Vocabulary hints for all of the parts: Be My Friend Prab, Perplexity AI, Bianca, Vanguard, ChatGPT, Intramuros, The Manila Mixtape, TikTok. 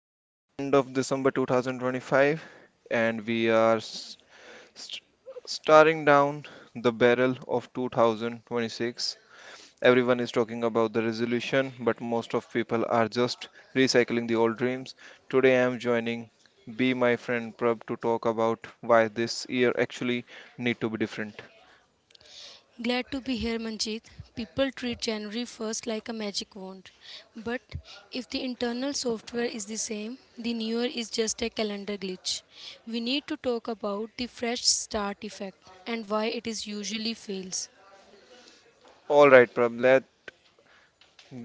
It's the end of December 2025, and we are st- staring down the barrel of 2026. Everyone is talking about the resolution, but most of people are just recycling the old dreams. Today, I am joining Be My Friend Prab to talk about why this year actually need to be different. Glad to be here, Manjeet. People treat January 1st like a magic wand. But If the internal software is the same, the new year is just a calendar glitch. We need to talk about the fresh start effect and why it is usually fails. All right, Prab, let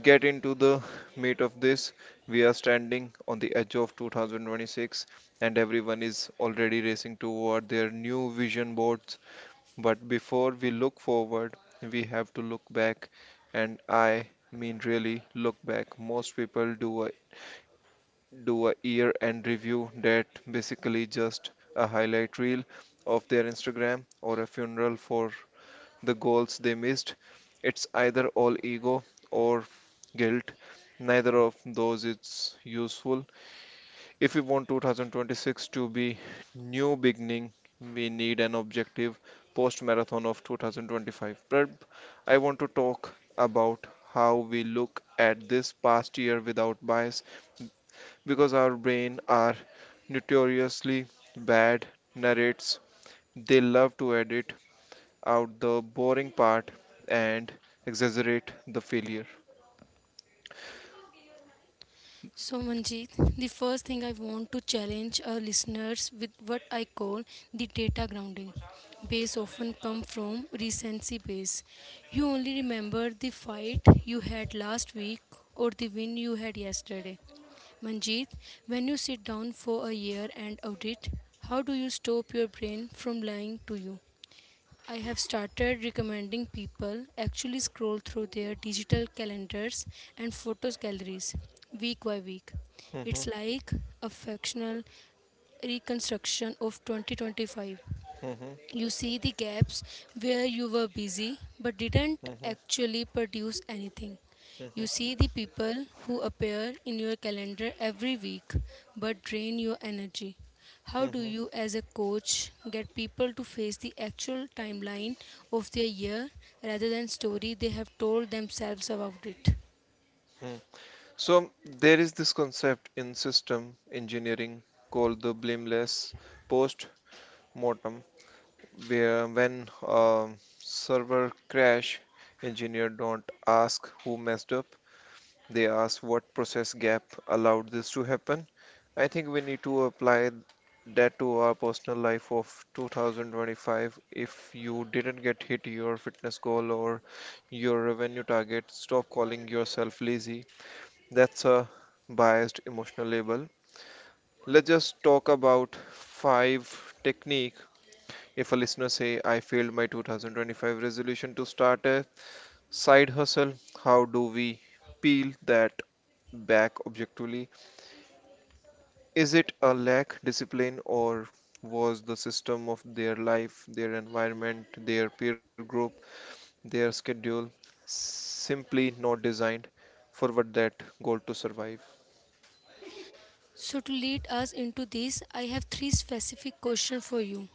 get into the meat of this. We are standing on the edge of 2026 and everyone is already racing toward their new vision boards. But before we look forward, we have to look back, and I mean really look back. Most people do a year end review that basically just a highlight reel of their Instagram or a funeral for the goals they missed. It's either all ego or guilt. Neither of those is useful. If we want 2026 to be new beginning, we need an objective post marathon of 2025. But I want to talk about how we look at this past year without bias because our brain are notoriously bad narrates. They love to edit out the boring part and exaggerate the failure. So, Manjeet, the first thing I want to challenge our listeners with what I call the data grounding. Base often come from recency base. You only remember the fight you had last week or the win you had yesterday. Manjeet, when you sit down for a year and audit, how do you stop your brain from lying to you? I have started recommending people actually scroll through their digital calendars and photos galleries week by week. Mhm, It's like a factional reconstruction of 2025. mhm, You see the gaps where you were busy but didn't mhm, actually produce anything. You mhm, see the people who appear in your calendar every week but drain your energy. How do mhm, you, as a coach, get people to face the actual timeline of their year rather than story they have told themselves about it? mhm. So there is this concept in system engineering called the blameless post mortem, where when a server crash, engineer don't ask who messed up, they ask what process gap allowed this to happen. I think we need to apply that to our personal life of 2025. If you didn't get hit your fitness goal or your revenue target, stop calling yourself lazy. That's a biased emotional label. Let's just talk about five technique. If a listener say I failed my 2025 resolution to start a side hustle, how do we peel that back objectively? Is it a lack discipline, or was the system of their life, their environment, their peer group, their schedule simply not designed for what that goal to survive? So, to lead us into this, I have three specific questions for you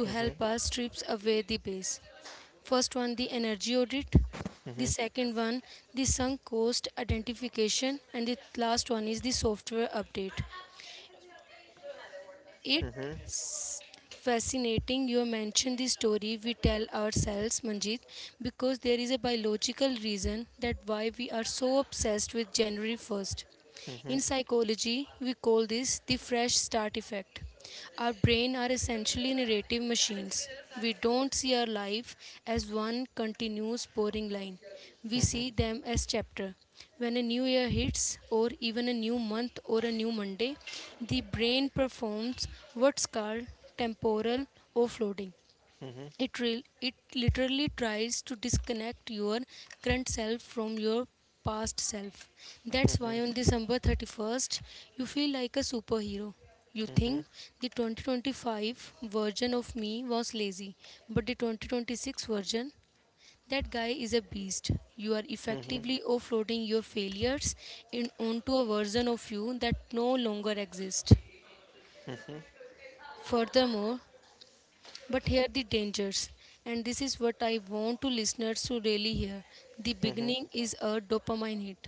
to Mhm, help us strips away the base. First one, the energy audit. The mhm, second one, the sunk cost identification. And the last one is the software update. mhm, It's fascinating you mentioned the story we tell ourselves, Manjit, because there is a biological reason that why we are so obsessed with January 1st. mhm, In psychology, we call this the fresh start effect. Our brain are essentially narrative machines. We don't see our life as one continuous boring line. We mhm, see them as chapter. When a new year hits or even a new month or a new Monday, the brain performs what's called temporal offloading. mhm, mhm, It literally tries to disconnect your current self from your past self. mhm, That's why mhm, on december 31st you feel like a superhero. You mhm, mhm, mhm, think mhm, the 2025 version of me was lazy, but the 2026 version, that guy is a beast. You are effectively offloading your failures in onto a version of you that no longer exists. Furthermore, But here the dangers, and this is what I want to listeners to really hear. The beginning is a dopamine hit.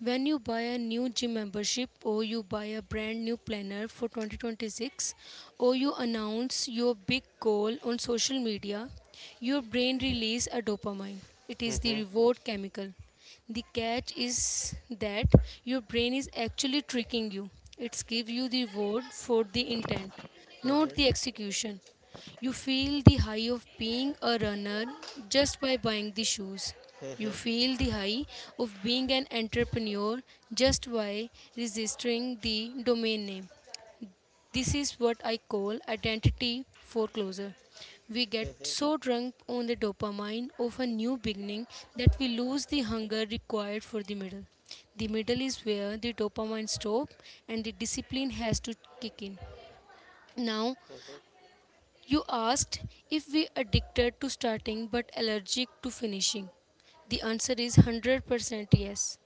When you buy a new gym membership or you buy a brand new planner for 2026 or you announce your big goal on social media, your brain releases a dopamine. It is the reward chemical. The catch is that your brain is actually tricking you. It's give you the reward for the intent, not the execution. You feel the high of being a runner just by buying the shoes. You feel the high of being an entrepreneur just by registering the domain name. This is what I call identity foreclosure. We get mhm, so drunk on the dopamine of a new beginning that we lose the hunger required for the middle. The middle is where the dopamine stops and the discipline has to kick in. Now mhm, you asked if we addicted to starting but allergic to finishing. The answer is 100% yes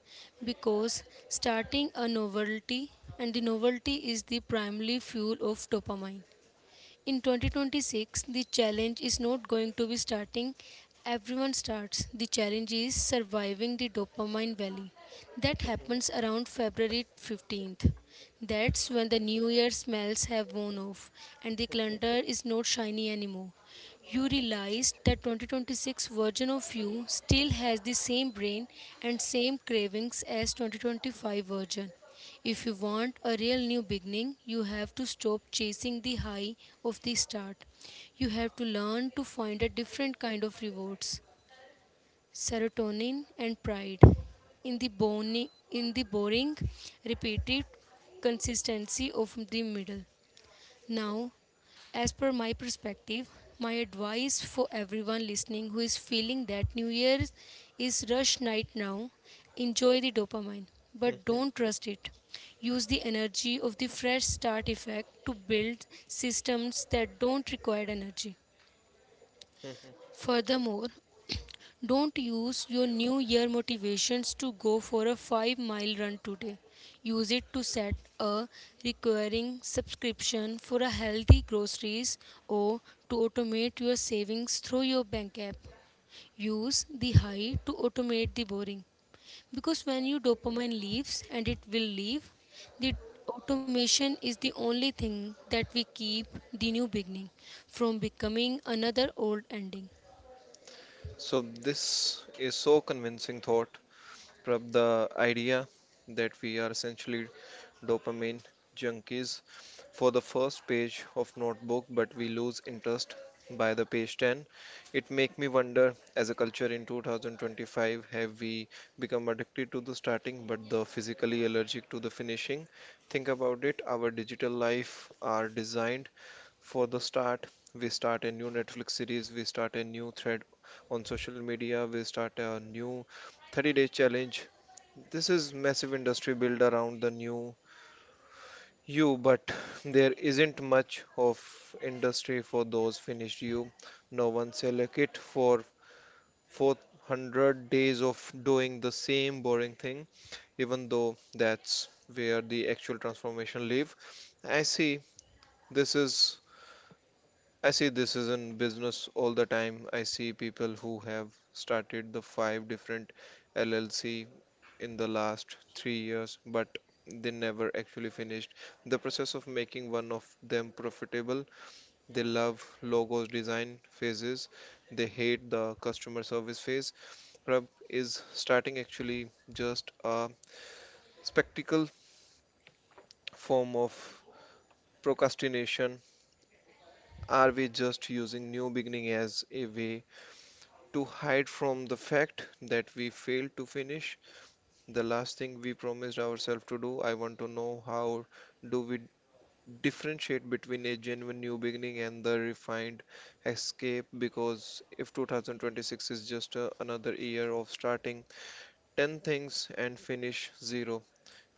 because starting a novelty and the novelty is the primary fuel of dopamine. In 2026, the challenge is not going to be starting. Everyone starts. The challenge is surviving the dopamine valley. That happens around February 15th. That's when the new year smells have worn off and the calendar is not shiny anymore. You realize that 2026 version of you still has the same brain and same cravings as 2025 version. If you want a real new beginning, you have to stop chasing the high of the start. You have to learn to find a different kind of rewards, serotonin and pride. In the boring, repeated consistency of the middle. Now, as per my perspective, my advice for everyone listening who is feeling that New Year's is rush night now, enjoy the dopamine, mhm, but mhm, don't trust it. Use the energy of the fresh start effect to build systems that don't require energy. mhm. Furthermore, don't use your new year motivations to go for a 5-mile run today. Use it to set a recurring subscription for a healthy groceries or to automate your savings through your bank app. Use the high to automate the boring, because when your dopamine leaves, and it will leave, the automation is the only thing that we keep the new beginning from becoming another old ending. So, this is so convincing thought, Prab, the idea that we are essentially dopamine junkies for the first page of notebook, but we lose interest by the page 10. It make me wonder, as a culture in 2025, have we become addicted to the starting but the physically allergic to the finishing? Think about it. Our digital life are designed for the start. We start a new Netflix series, we start a new thread on social media, we start a new 30-day challenge. This is massive industry built around the new you, but there isn't much of industry for those finished you. No one sell a kit for 400 days of doing the same boring thing, even though that's where the actual transformation live. i see this is I see this is in business all the time. I see people who have started the five different LLC in the last 3 years, but they never actually finished the process of making one of them profitable. They love logos design phases. They hate the customer service phase. Prab, is starting actually just a spectacle form of procrastination? Are we just using new beginning as a way to hide from the fact that we failed to finish the last thing we promised ourselves to do? I want to know, how do we differentiate between a genuine new beginning and the refined escape, because if 2026 is just another year of starting 10 things and finish 0,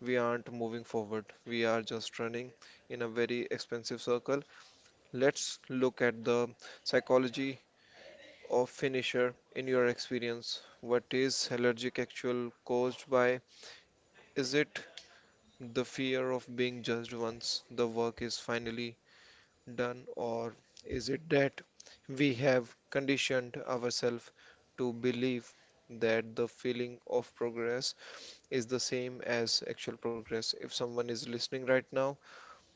we aren't moving forward. We are just running in a very expensive circle. Let's look at the psychology of finisher. In your experience, what is allergic actual caused by? Is it the fear of being judged once the work is finally done, or is it that we have conditioned ourselves to believe that the feeling of progress is the same as actual progress? If someone is listening right now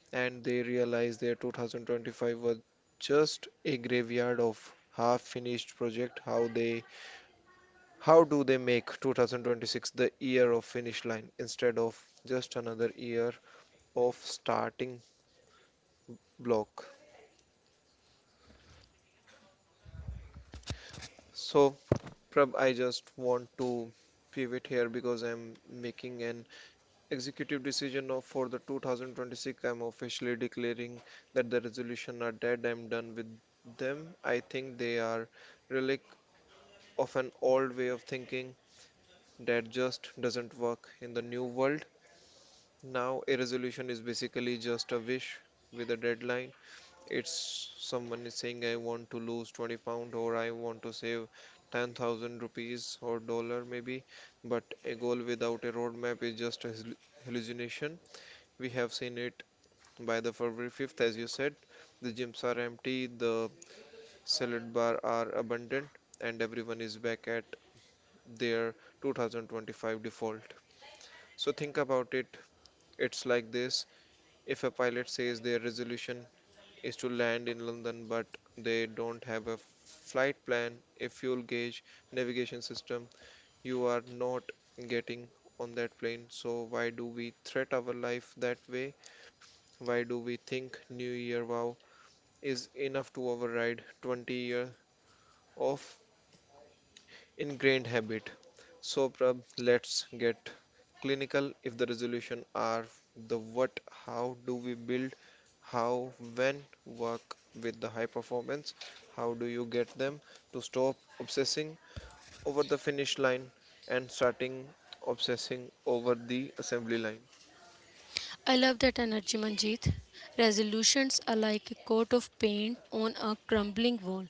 and they realize their 2025 was just a graveyard of half finished project, how do they make 2026 the year of finish line instead of just another year of starting block? So, Prab, I just want to pivot here because I'm making an executive decision of for the 2026. I'm officially declaring that the resolution are dead. I'm done with them. I think they are relic of an old way of thinking that just doesn't work in the new world. Now, a resolution is basically just a wish with a deadline. It's someone is saying, I want to lose 20 pound, or I want to save 10,000 rupees or dollar maybe. But a goal without a roadmap is just a hallucination. We have seen it by the February 5th, as you said. The gyms are empty, the salad bar are abundant, and everyone is back at their 2025 default. So think about it. It's like this. If a pilot says their resolution is to land in London but they don't have a flight plan, a fuel gauge, navigation system, you are not getting on that plane. So why do we threat our life that way? Why do we think New Year vow is enough to override 20 years of ingrained habit? So, Prab, let's get clinical. If the resolution are the what, how do we build? How, when work with the high performance, how do you get them to stop obsessing over the finish line and starting obsessing over the assembly line? I love that energy, Manjeet. Resolutions are like a coat of paint on a crumbling wall.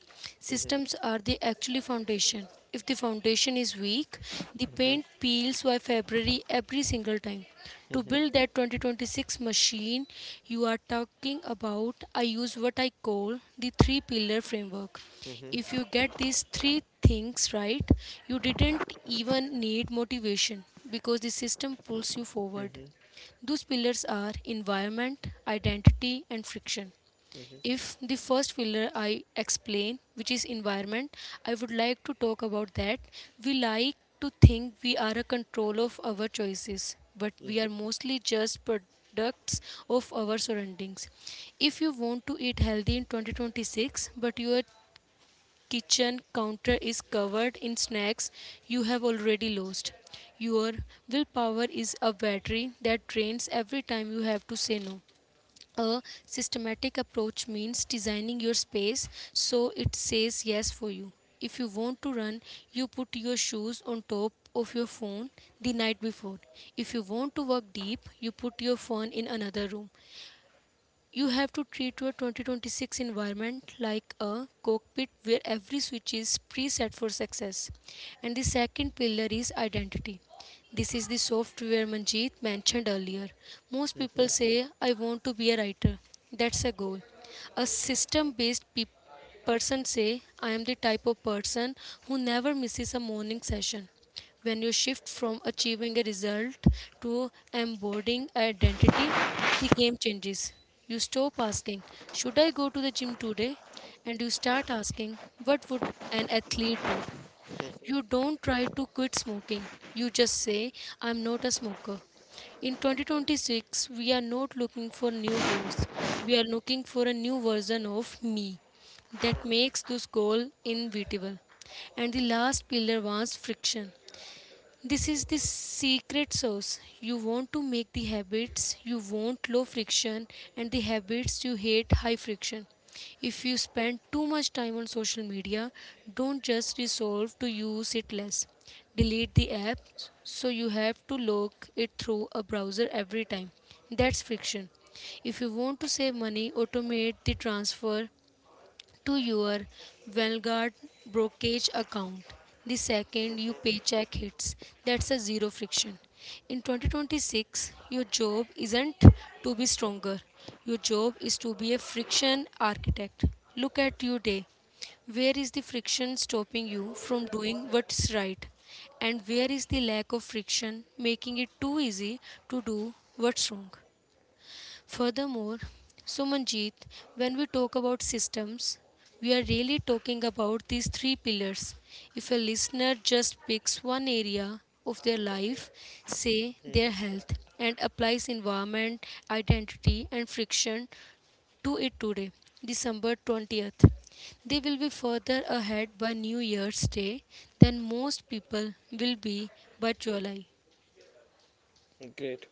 Mhm, Systems are the actually foundation. If the foundation is weak, the paint mhm, peels by February every single time. To mhm, build that 2026 machine you are talking about, I use what I call the three pillar framework. mhm, If mhm, you get these three things right, you didn't even need motivation because the system pulls you forward. mhm, Those pillars are environment, identity, and friction. mhm, If the first pillar I explain, which is environment, I would like to talk about that. We like to think we are a control of our choices, but we are mostly just products of our surroundings. If you want to eat healthy in 2026, but your kitchen counter is covered in snacks, you have already lost. Your willpower is a battery that drains every time you have to say no. A systematic approach means designing your space so it says yes for you. If you want to run, you put your shoes on top of your phone the night before. If you want to work deep, you put your phone in another room. You have to treat your 2026 environment like a cockpit where every switch is preset for success. And the second pillar is identity. This is the software Manjeet mentioned earlier. Most people mhm, say, I want to be a writer. That's a goal. A system based person say, I am the type of person who never misses a morning session. When you shift from achieving a result to embodying identity, the game changes. You stop asking, should I go to the gym today? And you start asking, what would an athlete do? You don't try to quit smoking. You just say, I'm not a smoker. In 2026, we are not looking for new goals. We are looking for a new version of me that makes this goal inevitable. And the last pillar was friction. This is the secret sauce. You want to make the habits you want low friction and the habits you hate high friction. If you spend too much time on social media, don't just resolve to use it less. Delete the app so you have to log it through a browser every time. That's friction. If you want to save money, automate the transfer to your Vanguard brokerage account the second your paycheck hits. That's a zero friction. In 2026, your job isn't to be stronger. Your job is to be a friction architect. Look at your day. Where is the friction stopping you from doing what's right? And where is the lack of friction making it too easy to do what's wrong? Furthermore, Sumanjit, when we talk about systems, we are really talking about these three pillars. If a listener just picks one area of their life, say their health, and applies environment, identity, and friction to it today, December 20th, they will be further ahead by New Year's Day than most people will be by July. mhm. Great.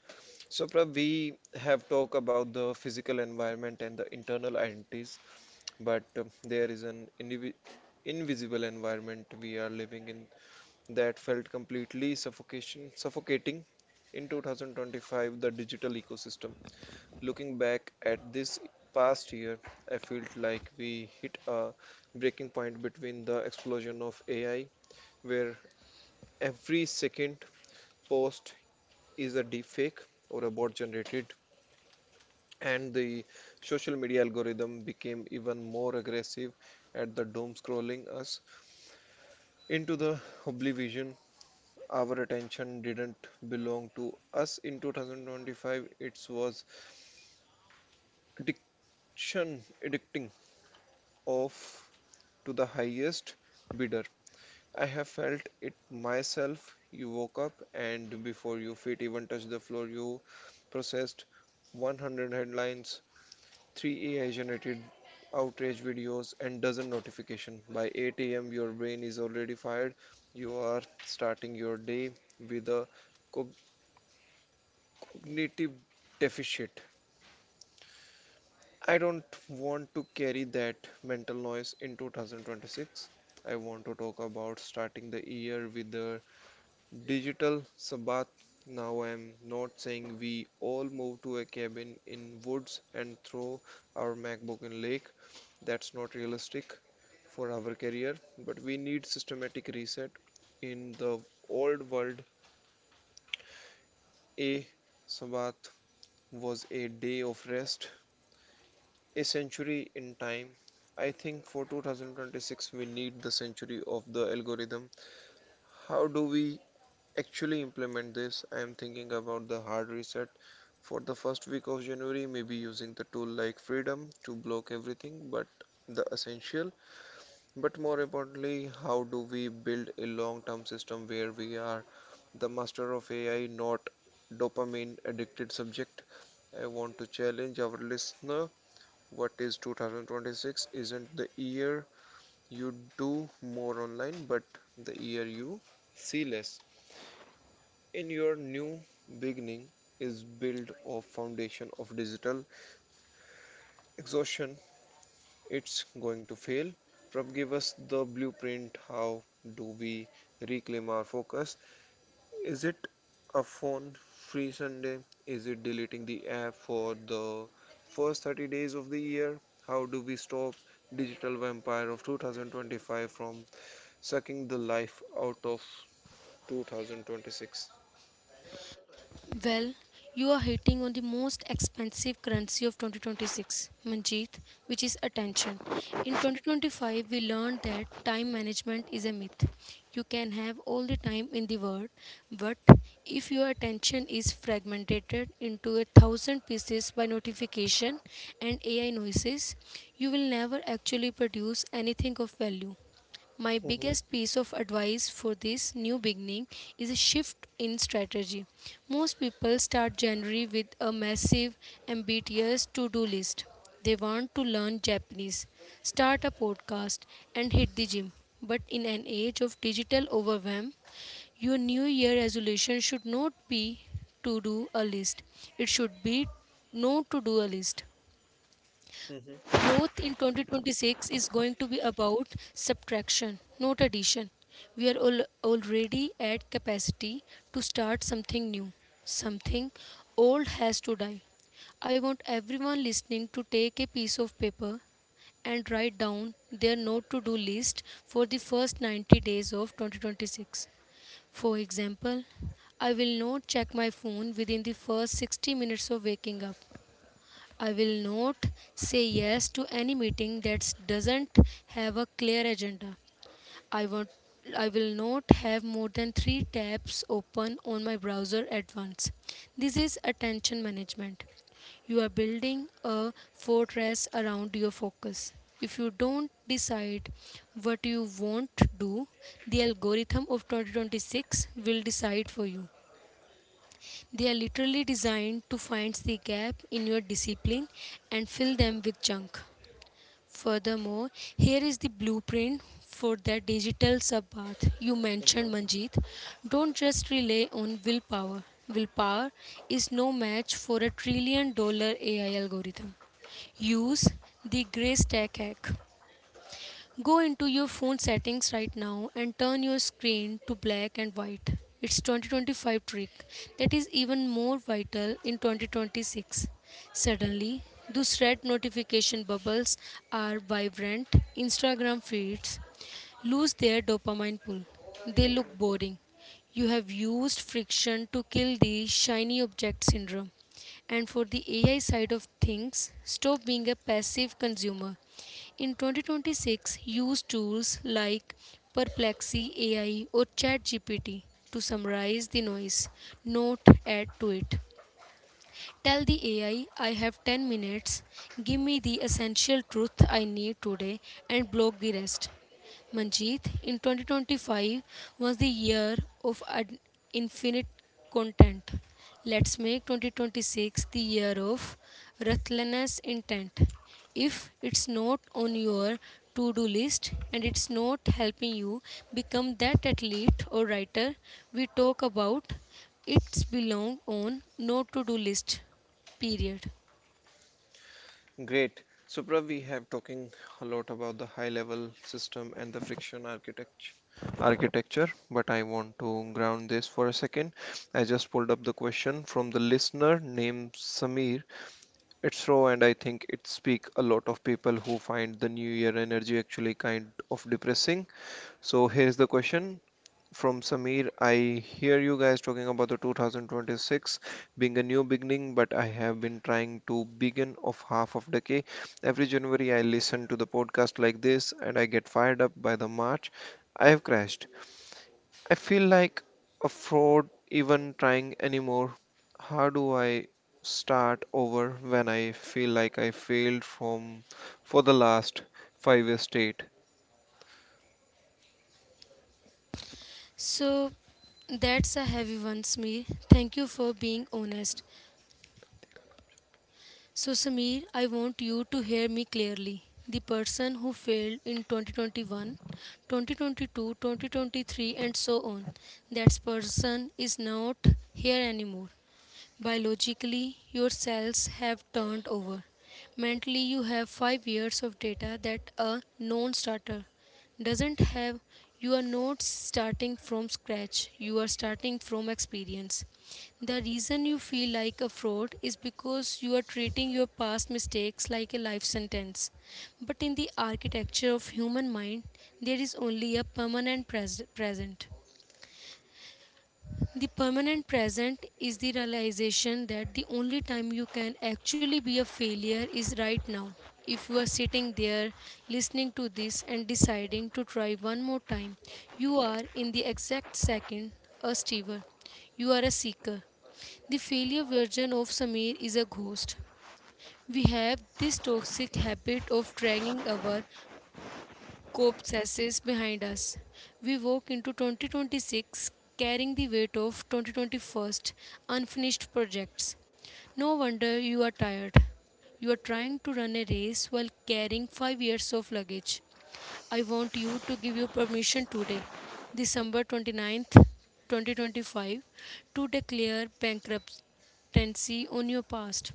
So, Prab, we have talked about the physical environment and the internal identities, but there is an invisible environment we are living in that felt completely suffocating in 2025, the digital ecosystem. Looking back at this past year, I felt like we hit a breaking point between the explosion of AI, where every second post is a deepfake or a bot generated, and the social media algorithm became even more aggressive at the doom scrolling us into the oblivion. Our attention didn't belong to us in 2025. It was addiction addicting off to the highest bidder. I have felt it myself. You woke up and before your feet even touched the floor you processed 100 headlines, 3 AI generated outrage videos, and dozen notification. By 8 a.m. your brain is already fired. You are starting your day with a cognitive deficit. I don't want to carry that mental noise in 2026. I want to talk about starting the year with a digital sabbath. Now I'm not saying we all move to a cabin in woods and throw our MacBook in lake. That's not realistic for our career, but we need systematic reset. In the old world, a sabbath was a day of rest, a century in time. I think for 2026 we need the century of the algorithm. How do we actually implement this? I am thinking about the hard reset for the first week of January, maybe using the tool like freedom to block everything but the essential. But more importantly, how do we build a long-term system where we are the master of AI, not dopamine addicted subject? I want to challenge our listener. What is 2026 isn't the year you do more online, but the year you see less. In your new beginning is built of foundation of digital exhaustion, it's going to fail. Prab, give us the blueprint. How do we reclaim our focus? Is it a phone free Sunday? Is it deleting the app for the first 30 days of the year? How do we stop digital vampire of 2025 from sucking the life out of 2026? Well, you are hitting on the most expensive currency of 2026, Manjeet, which is attention. In 2025, we learned that time management is a myth. You can have all the time in the world, but if your attention is fragmented into a thousand pieces by notification and AI noises, you will never actually produce anything of value. My Mhm, biggest piece of advice for this new beginning is a shift in strategy. Most people start January with a massive, ambitious to do list. They want to learn Japanese, start a podcast, and hit the gym. But in an age of digital overwhelm, your new year resolution should not be to do a list, it should be no to do a list. mhm. Growth in 2026 is going to be about subtraction, not addition. We are already at capacity to start something new. Something old has to die. I want everyone listening to take a piece of paper and write down their note to do list for the first 90 days of 2026. For example, I will not check my phone within the first 60 minutes of waking up. I will not say yes to any meeting that doesn't have a clear agenda. I want I will not have more than 3 tabs open on my browser at once. This is attention management. You are building a fortress around your focus. If you don't decide what you want to do, the algorithm of 2026 will decide for you. They are literally designed to find the gap in your discipline and fill them with junk. Furthermore, here is the blueprint for that digital sub you mentioned, Manjeet. Don't just rely on willpower. Willpower is no match for a $1 trillion AI algorithm. Use the gray tech hack. Go into your phone settings right now and turn your screen to black and white. It's 2025 trick that is even more vital in 2026. Suddenly, those red notification bubbles are vibrant. Instagram feeds lose their dopamine pull. They look boring. You have used friction to kill the shiny object syndrome. And for the AI side of things, stop being a passive consumer. In 2026, use tools like Perplexy AI or ChatGPT to summarize the noise, not add to it. Tell the AI I have 10 minutes, give me the essential truth I need today, and block the rest. Manjeet, in 2025 was the year of infinite content. Let's make 2026 the year of ruthless intent. If it's not on your to do list and it's not helping you become that athlete or writer we talk about, it's belong on no to do list. Period. Great. So, Prav, we have talking a lot about the high-level system and the friction architecture, but I want to ground this for a second. I just pulled up the question from the listener named Samir. It's raw, and I think it speaks a lot of people who find the New Year energy actually kind of depressing. So, here's the question from Samir. I hear you guys talking about the 2026 being a new beginning, but I have been trying to begin of half of decade. Every January I listen to the podcast like this and I get fired up. By the March, I have crashed. I feel like a fraud even trying anymore. How do I start over when I feel like I failed from for the last 5 years straight? So that's a heavy one, Smir. Thank you for being honest. So, Samir, I want you to hear me clearly. The person who failed in 2021, 2022, 2023, and so on, that person is not here anymore. Biologically, your cells have turned over. Mentally, you have 5 years of data that a non starter doesn't have. You are not starting from scratch, you are starting from experience. The reason you feel like a fraud is because you are treating your past mistakes like a life sentence. But in the architecture of human mind, there is only a permanent present. The permanent present is the realization that the only time you can actually be a failure is right now. If you are sitting there listening to this and deciding to try one more time, you are in the exact second a stever. You are a seeker. The failure version of Samir is a ghost. We have this toxic habit of dragging our Copses behind us. We walk into 2026 carrying the weight of 2021 unfinished projects. No wonder you are tired. You are trying to run a race while carrying 5 years of luggage. I want you to give your permission today, December 29th, 2025, to declare bankruptcy on your past.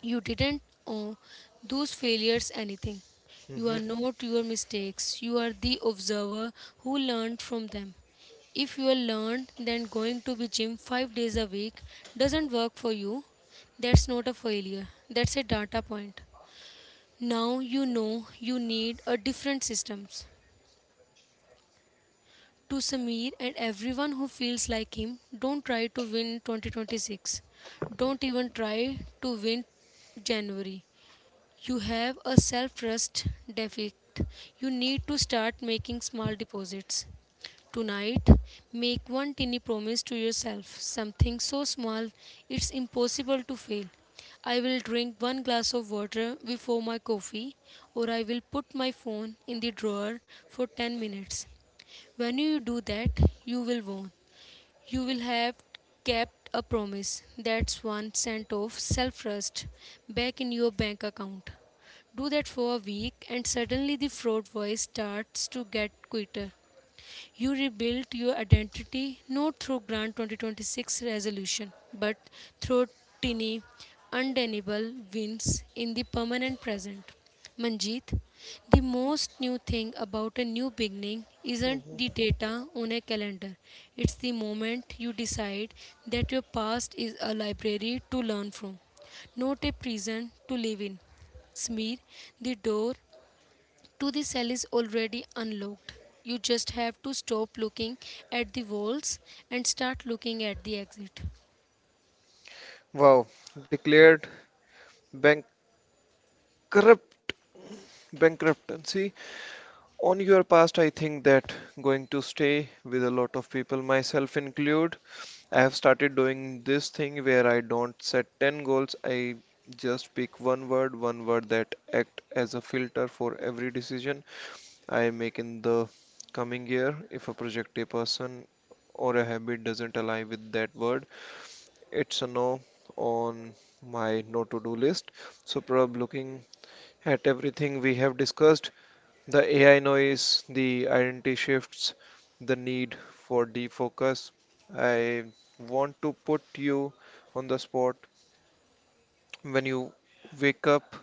You didn't owe those failures anything. You are Mhm, not your mistakes. You are the observer who learned from them. If you are learned then going to be gym 5 days a week doesn't work for you, that's not a failure. That's a data point. Now you know you need a different systems. To Samir and everyone who feels like him, don't try to win 2026. Don't even try to win January. You have a self trust deficit. You need to start making small deposits. Tonight, make one tiny promise to yourself, something so small it's impossible to fail. I will drink one glass of water before my coffee, or I will put my phone in the drawer for 10 minutes. When you do that, you will win. You will have kept a promise. That's one cent of self trust back in your bank account. Do that for a week, and suddenly the fraud voice starts to get quieter. You rebuilt your identity not through Grand 2026 resolution, but through tiny, undeniable wins in the permanent present. Manjeet, the most new thing about a new beginning isn't mhm. the data on a calendar. It's the moment you decide that your past is a library to learn from, not a prison to live in. Smear, the door to the cell is already unlocked. You just have to stop looking at the walls and start looking at the exit. Wow, declared bankrupt bankruptcy on your past. I think that going to stay with a lot of people, myself include. I have started doing this thing where I don't set 10 goals. I just pick one word that act as a filter for every decision I make in the coming year. If a project, a person, or a habit doesn't align with that word, it's a no on my no to do list. So, probably looking at everything we have discussed, the AI noise, the identity shifts, the need for defocus. I want to put you on the spot. When you wake up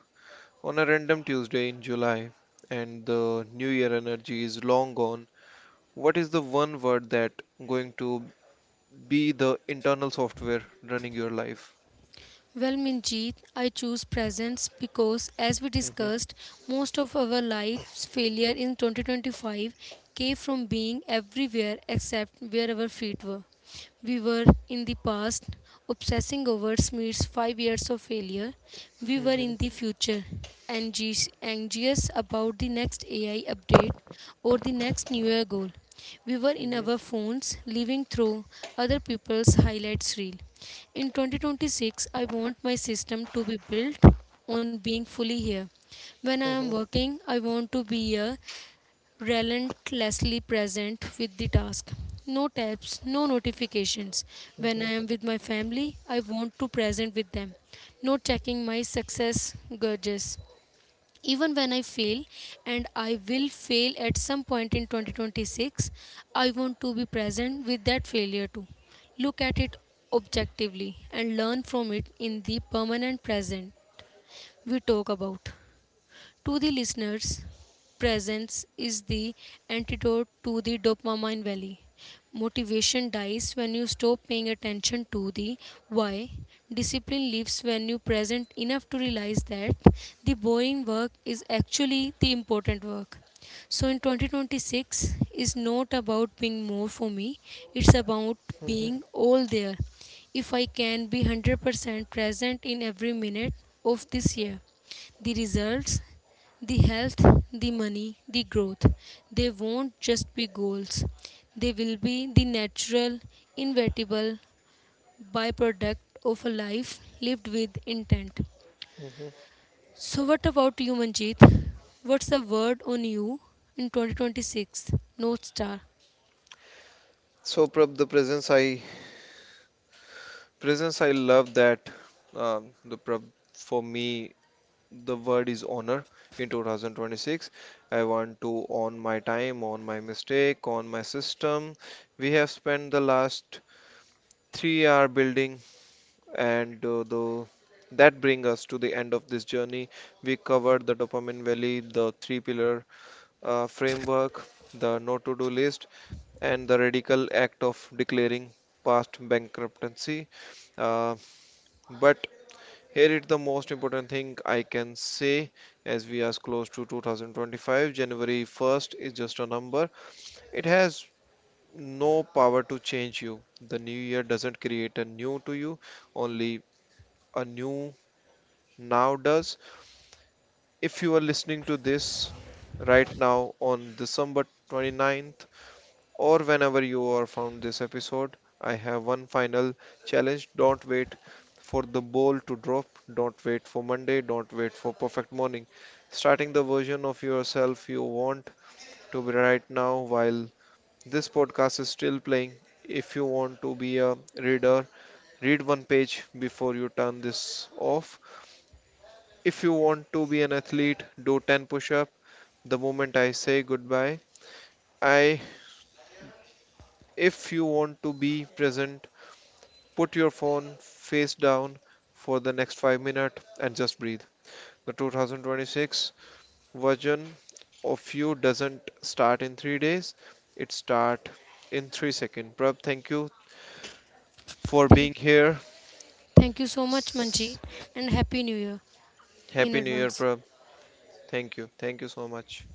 on a random Tuesday in July and the new year energy is long gone, what is the one word that going to be the internal software running your life? Well, Minjeet, I choose presence because, as we Mhm, discussed, most of our life's failure in 2025 came from being everywhere except where our feet were. We were in the past, obsessing over Smear's 5 years of failure. We were mhm, in the future, anxious about the next AI update or the next New Year goal. We were in mhm, our phones, living through other people's highlights reel. In 2026, I want my system to be built on being fully here. When I am mhm, working, I want to be here, relentlessly present with the task. No tabs, no notifications. When mhm, I am with my family, I want to present with them, not checking my success gauges even when I fail and I will fail at some point in 2026 I want to be present with that failure too look at it objectively and learn from it in the permanent present we talk about to the listeners, presence is the antidote to the dopamine valley. Motivation dies when you stop paying attention to the why. Discipline lives when you present enough to realize that the boring work is actually the important work. So in 2026 is not about being more for me, it's about mhm, being all there. If I can be 100% present in every minute of this year, the results the health, the money, the growth, they won't just be goals. They will be the natural, inevitable byproduct of a life lived with intent. mhm. So, what about you, Manjeet? What's the word on you in 2026? North Star. So, Prab, the presence I Presence, I love that. For me, the word is honor. In 2026, I want to own my time, own my mistake, own my system. We have spent the last 3 hour building, and the that bring us to the end of this journey. We covered the dopamine valley, the three pillar framework, the no to do list, and the radical act of declaring past bankruptcy. Uh, but here is the most important thing I can say as we are close to 2025. January 1st is just a number. It has no power to change you. The new year doesn't create a new to you, only a new now does. If you are listening to this right now on December 29th, or whenever you are found this episode, I have one final challenge. Don't wait for the ball to drop. Don't wait for Monday. Don't wait for perfect morning. Starting the version of yourself you want to be right now while this podcast is still playing. If you want to be a reader, read one page before you turn this off. If you want to be an athlete, do 10 push up the moment I say goodbye. I If you want to be present, put your phone face down for the next 5 minutes and just breathe. The 2026 version of you doesn't start in 3 days, it starts in 3 seconds. Prab, thank you for Thank being here. thank you so much, Manjeet, and Happy New Year in Happy New Year, advance. Prab. Thank you. Thank you so much.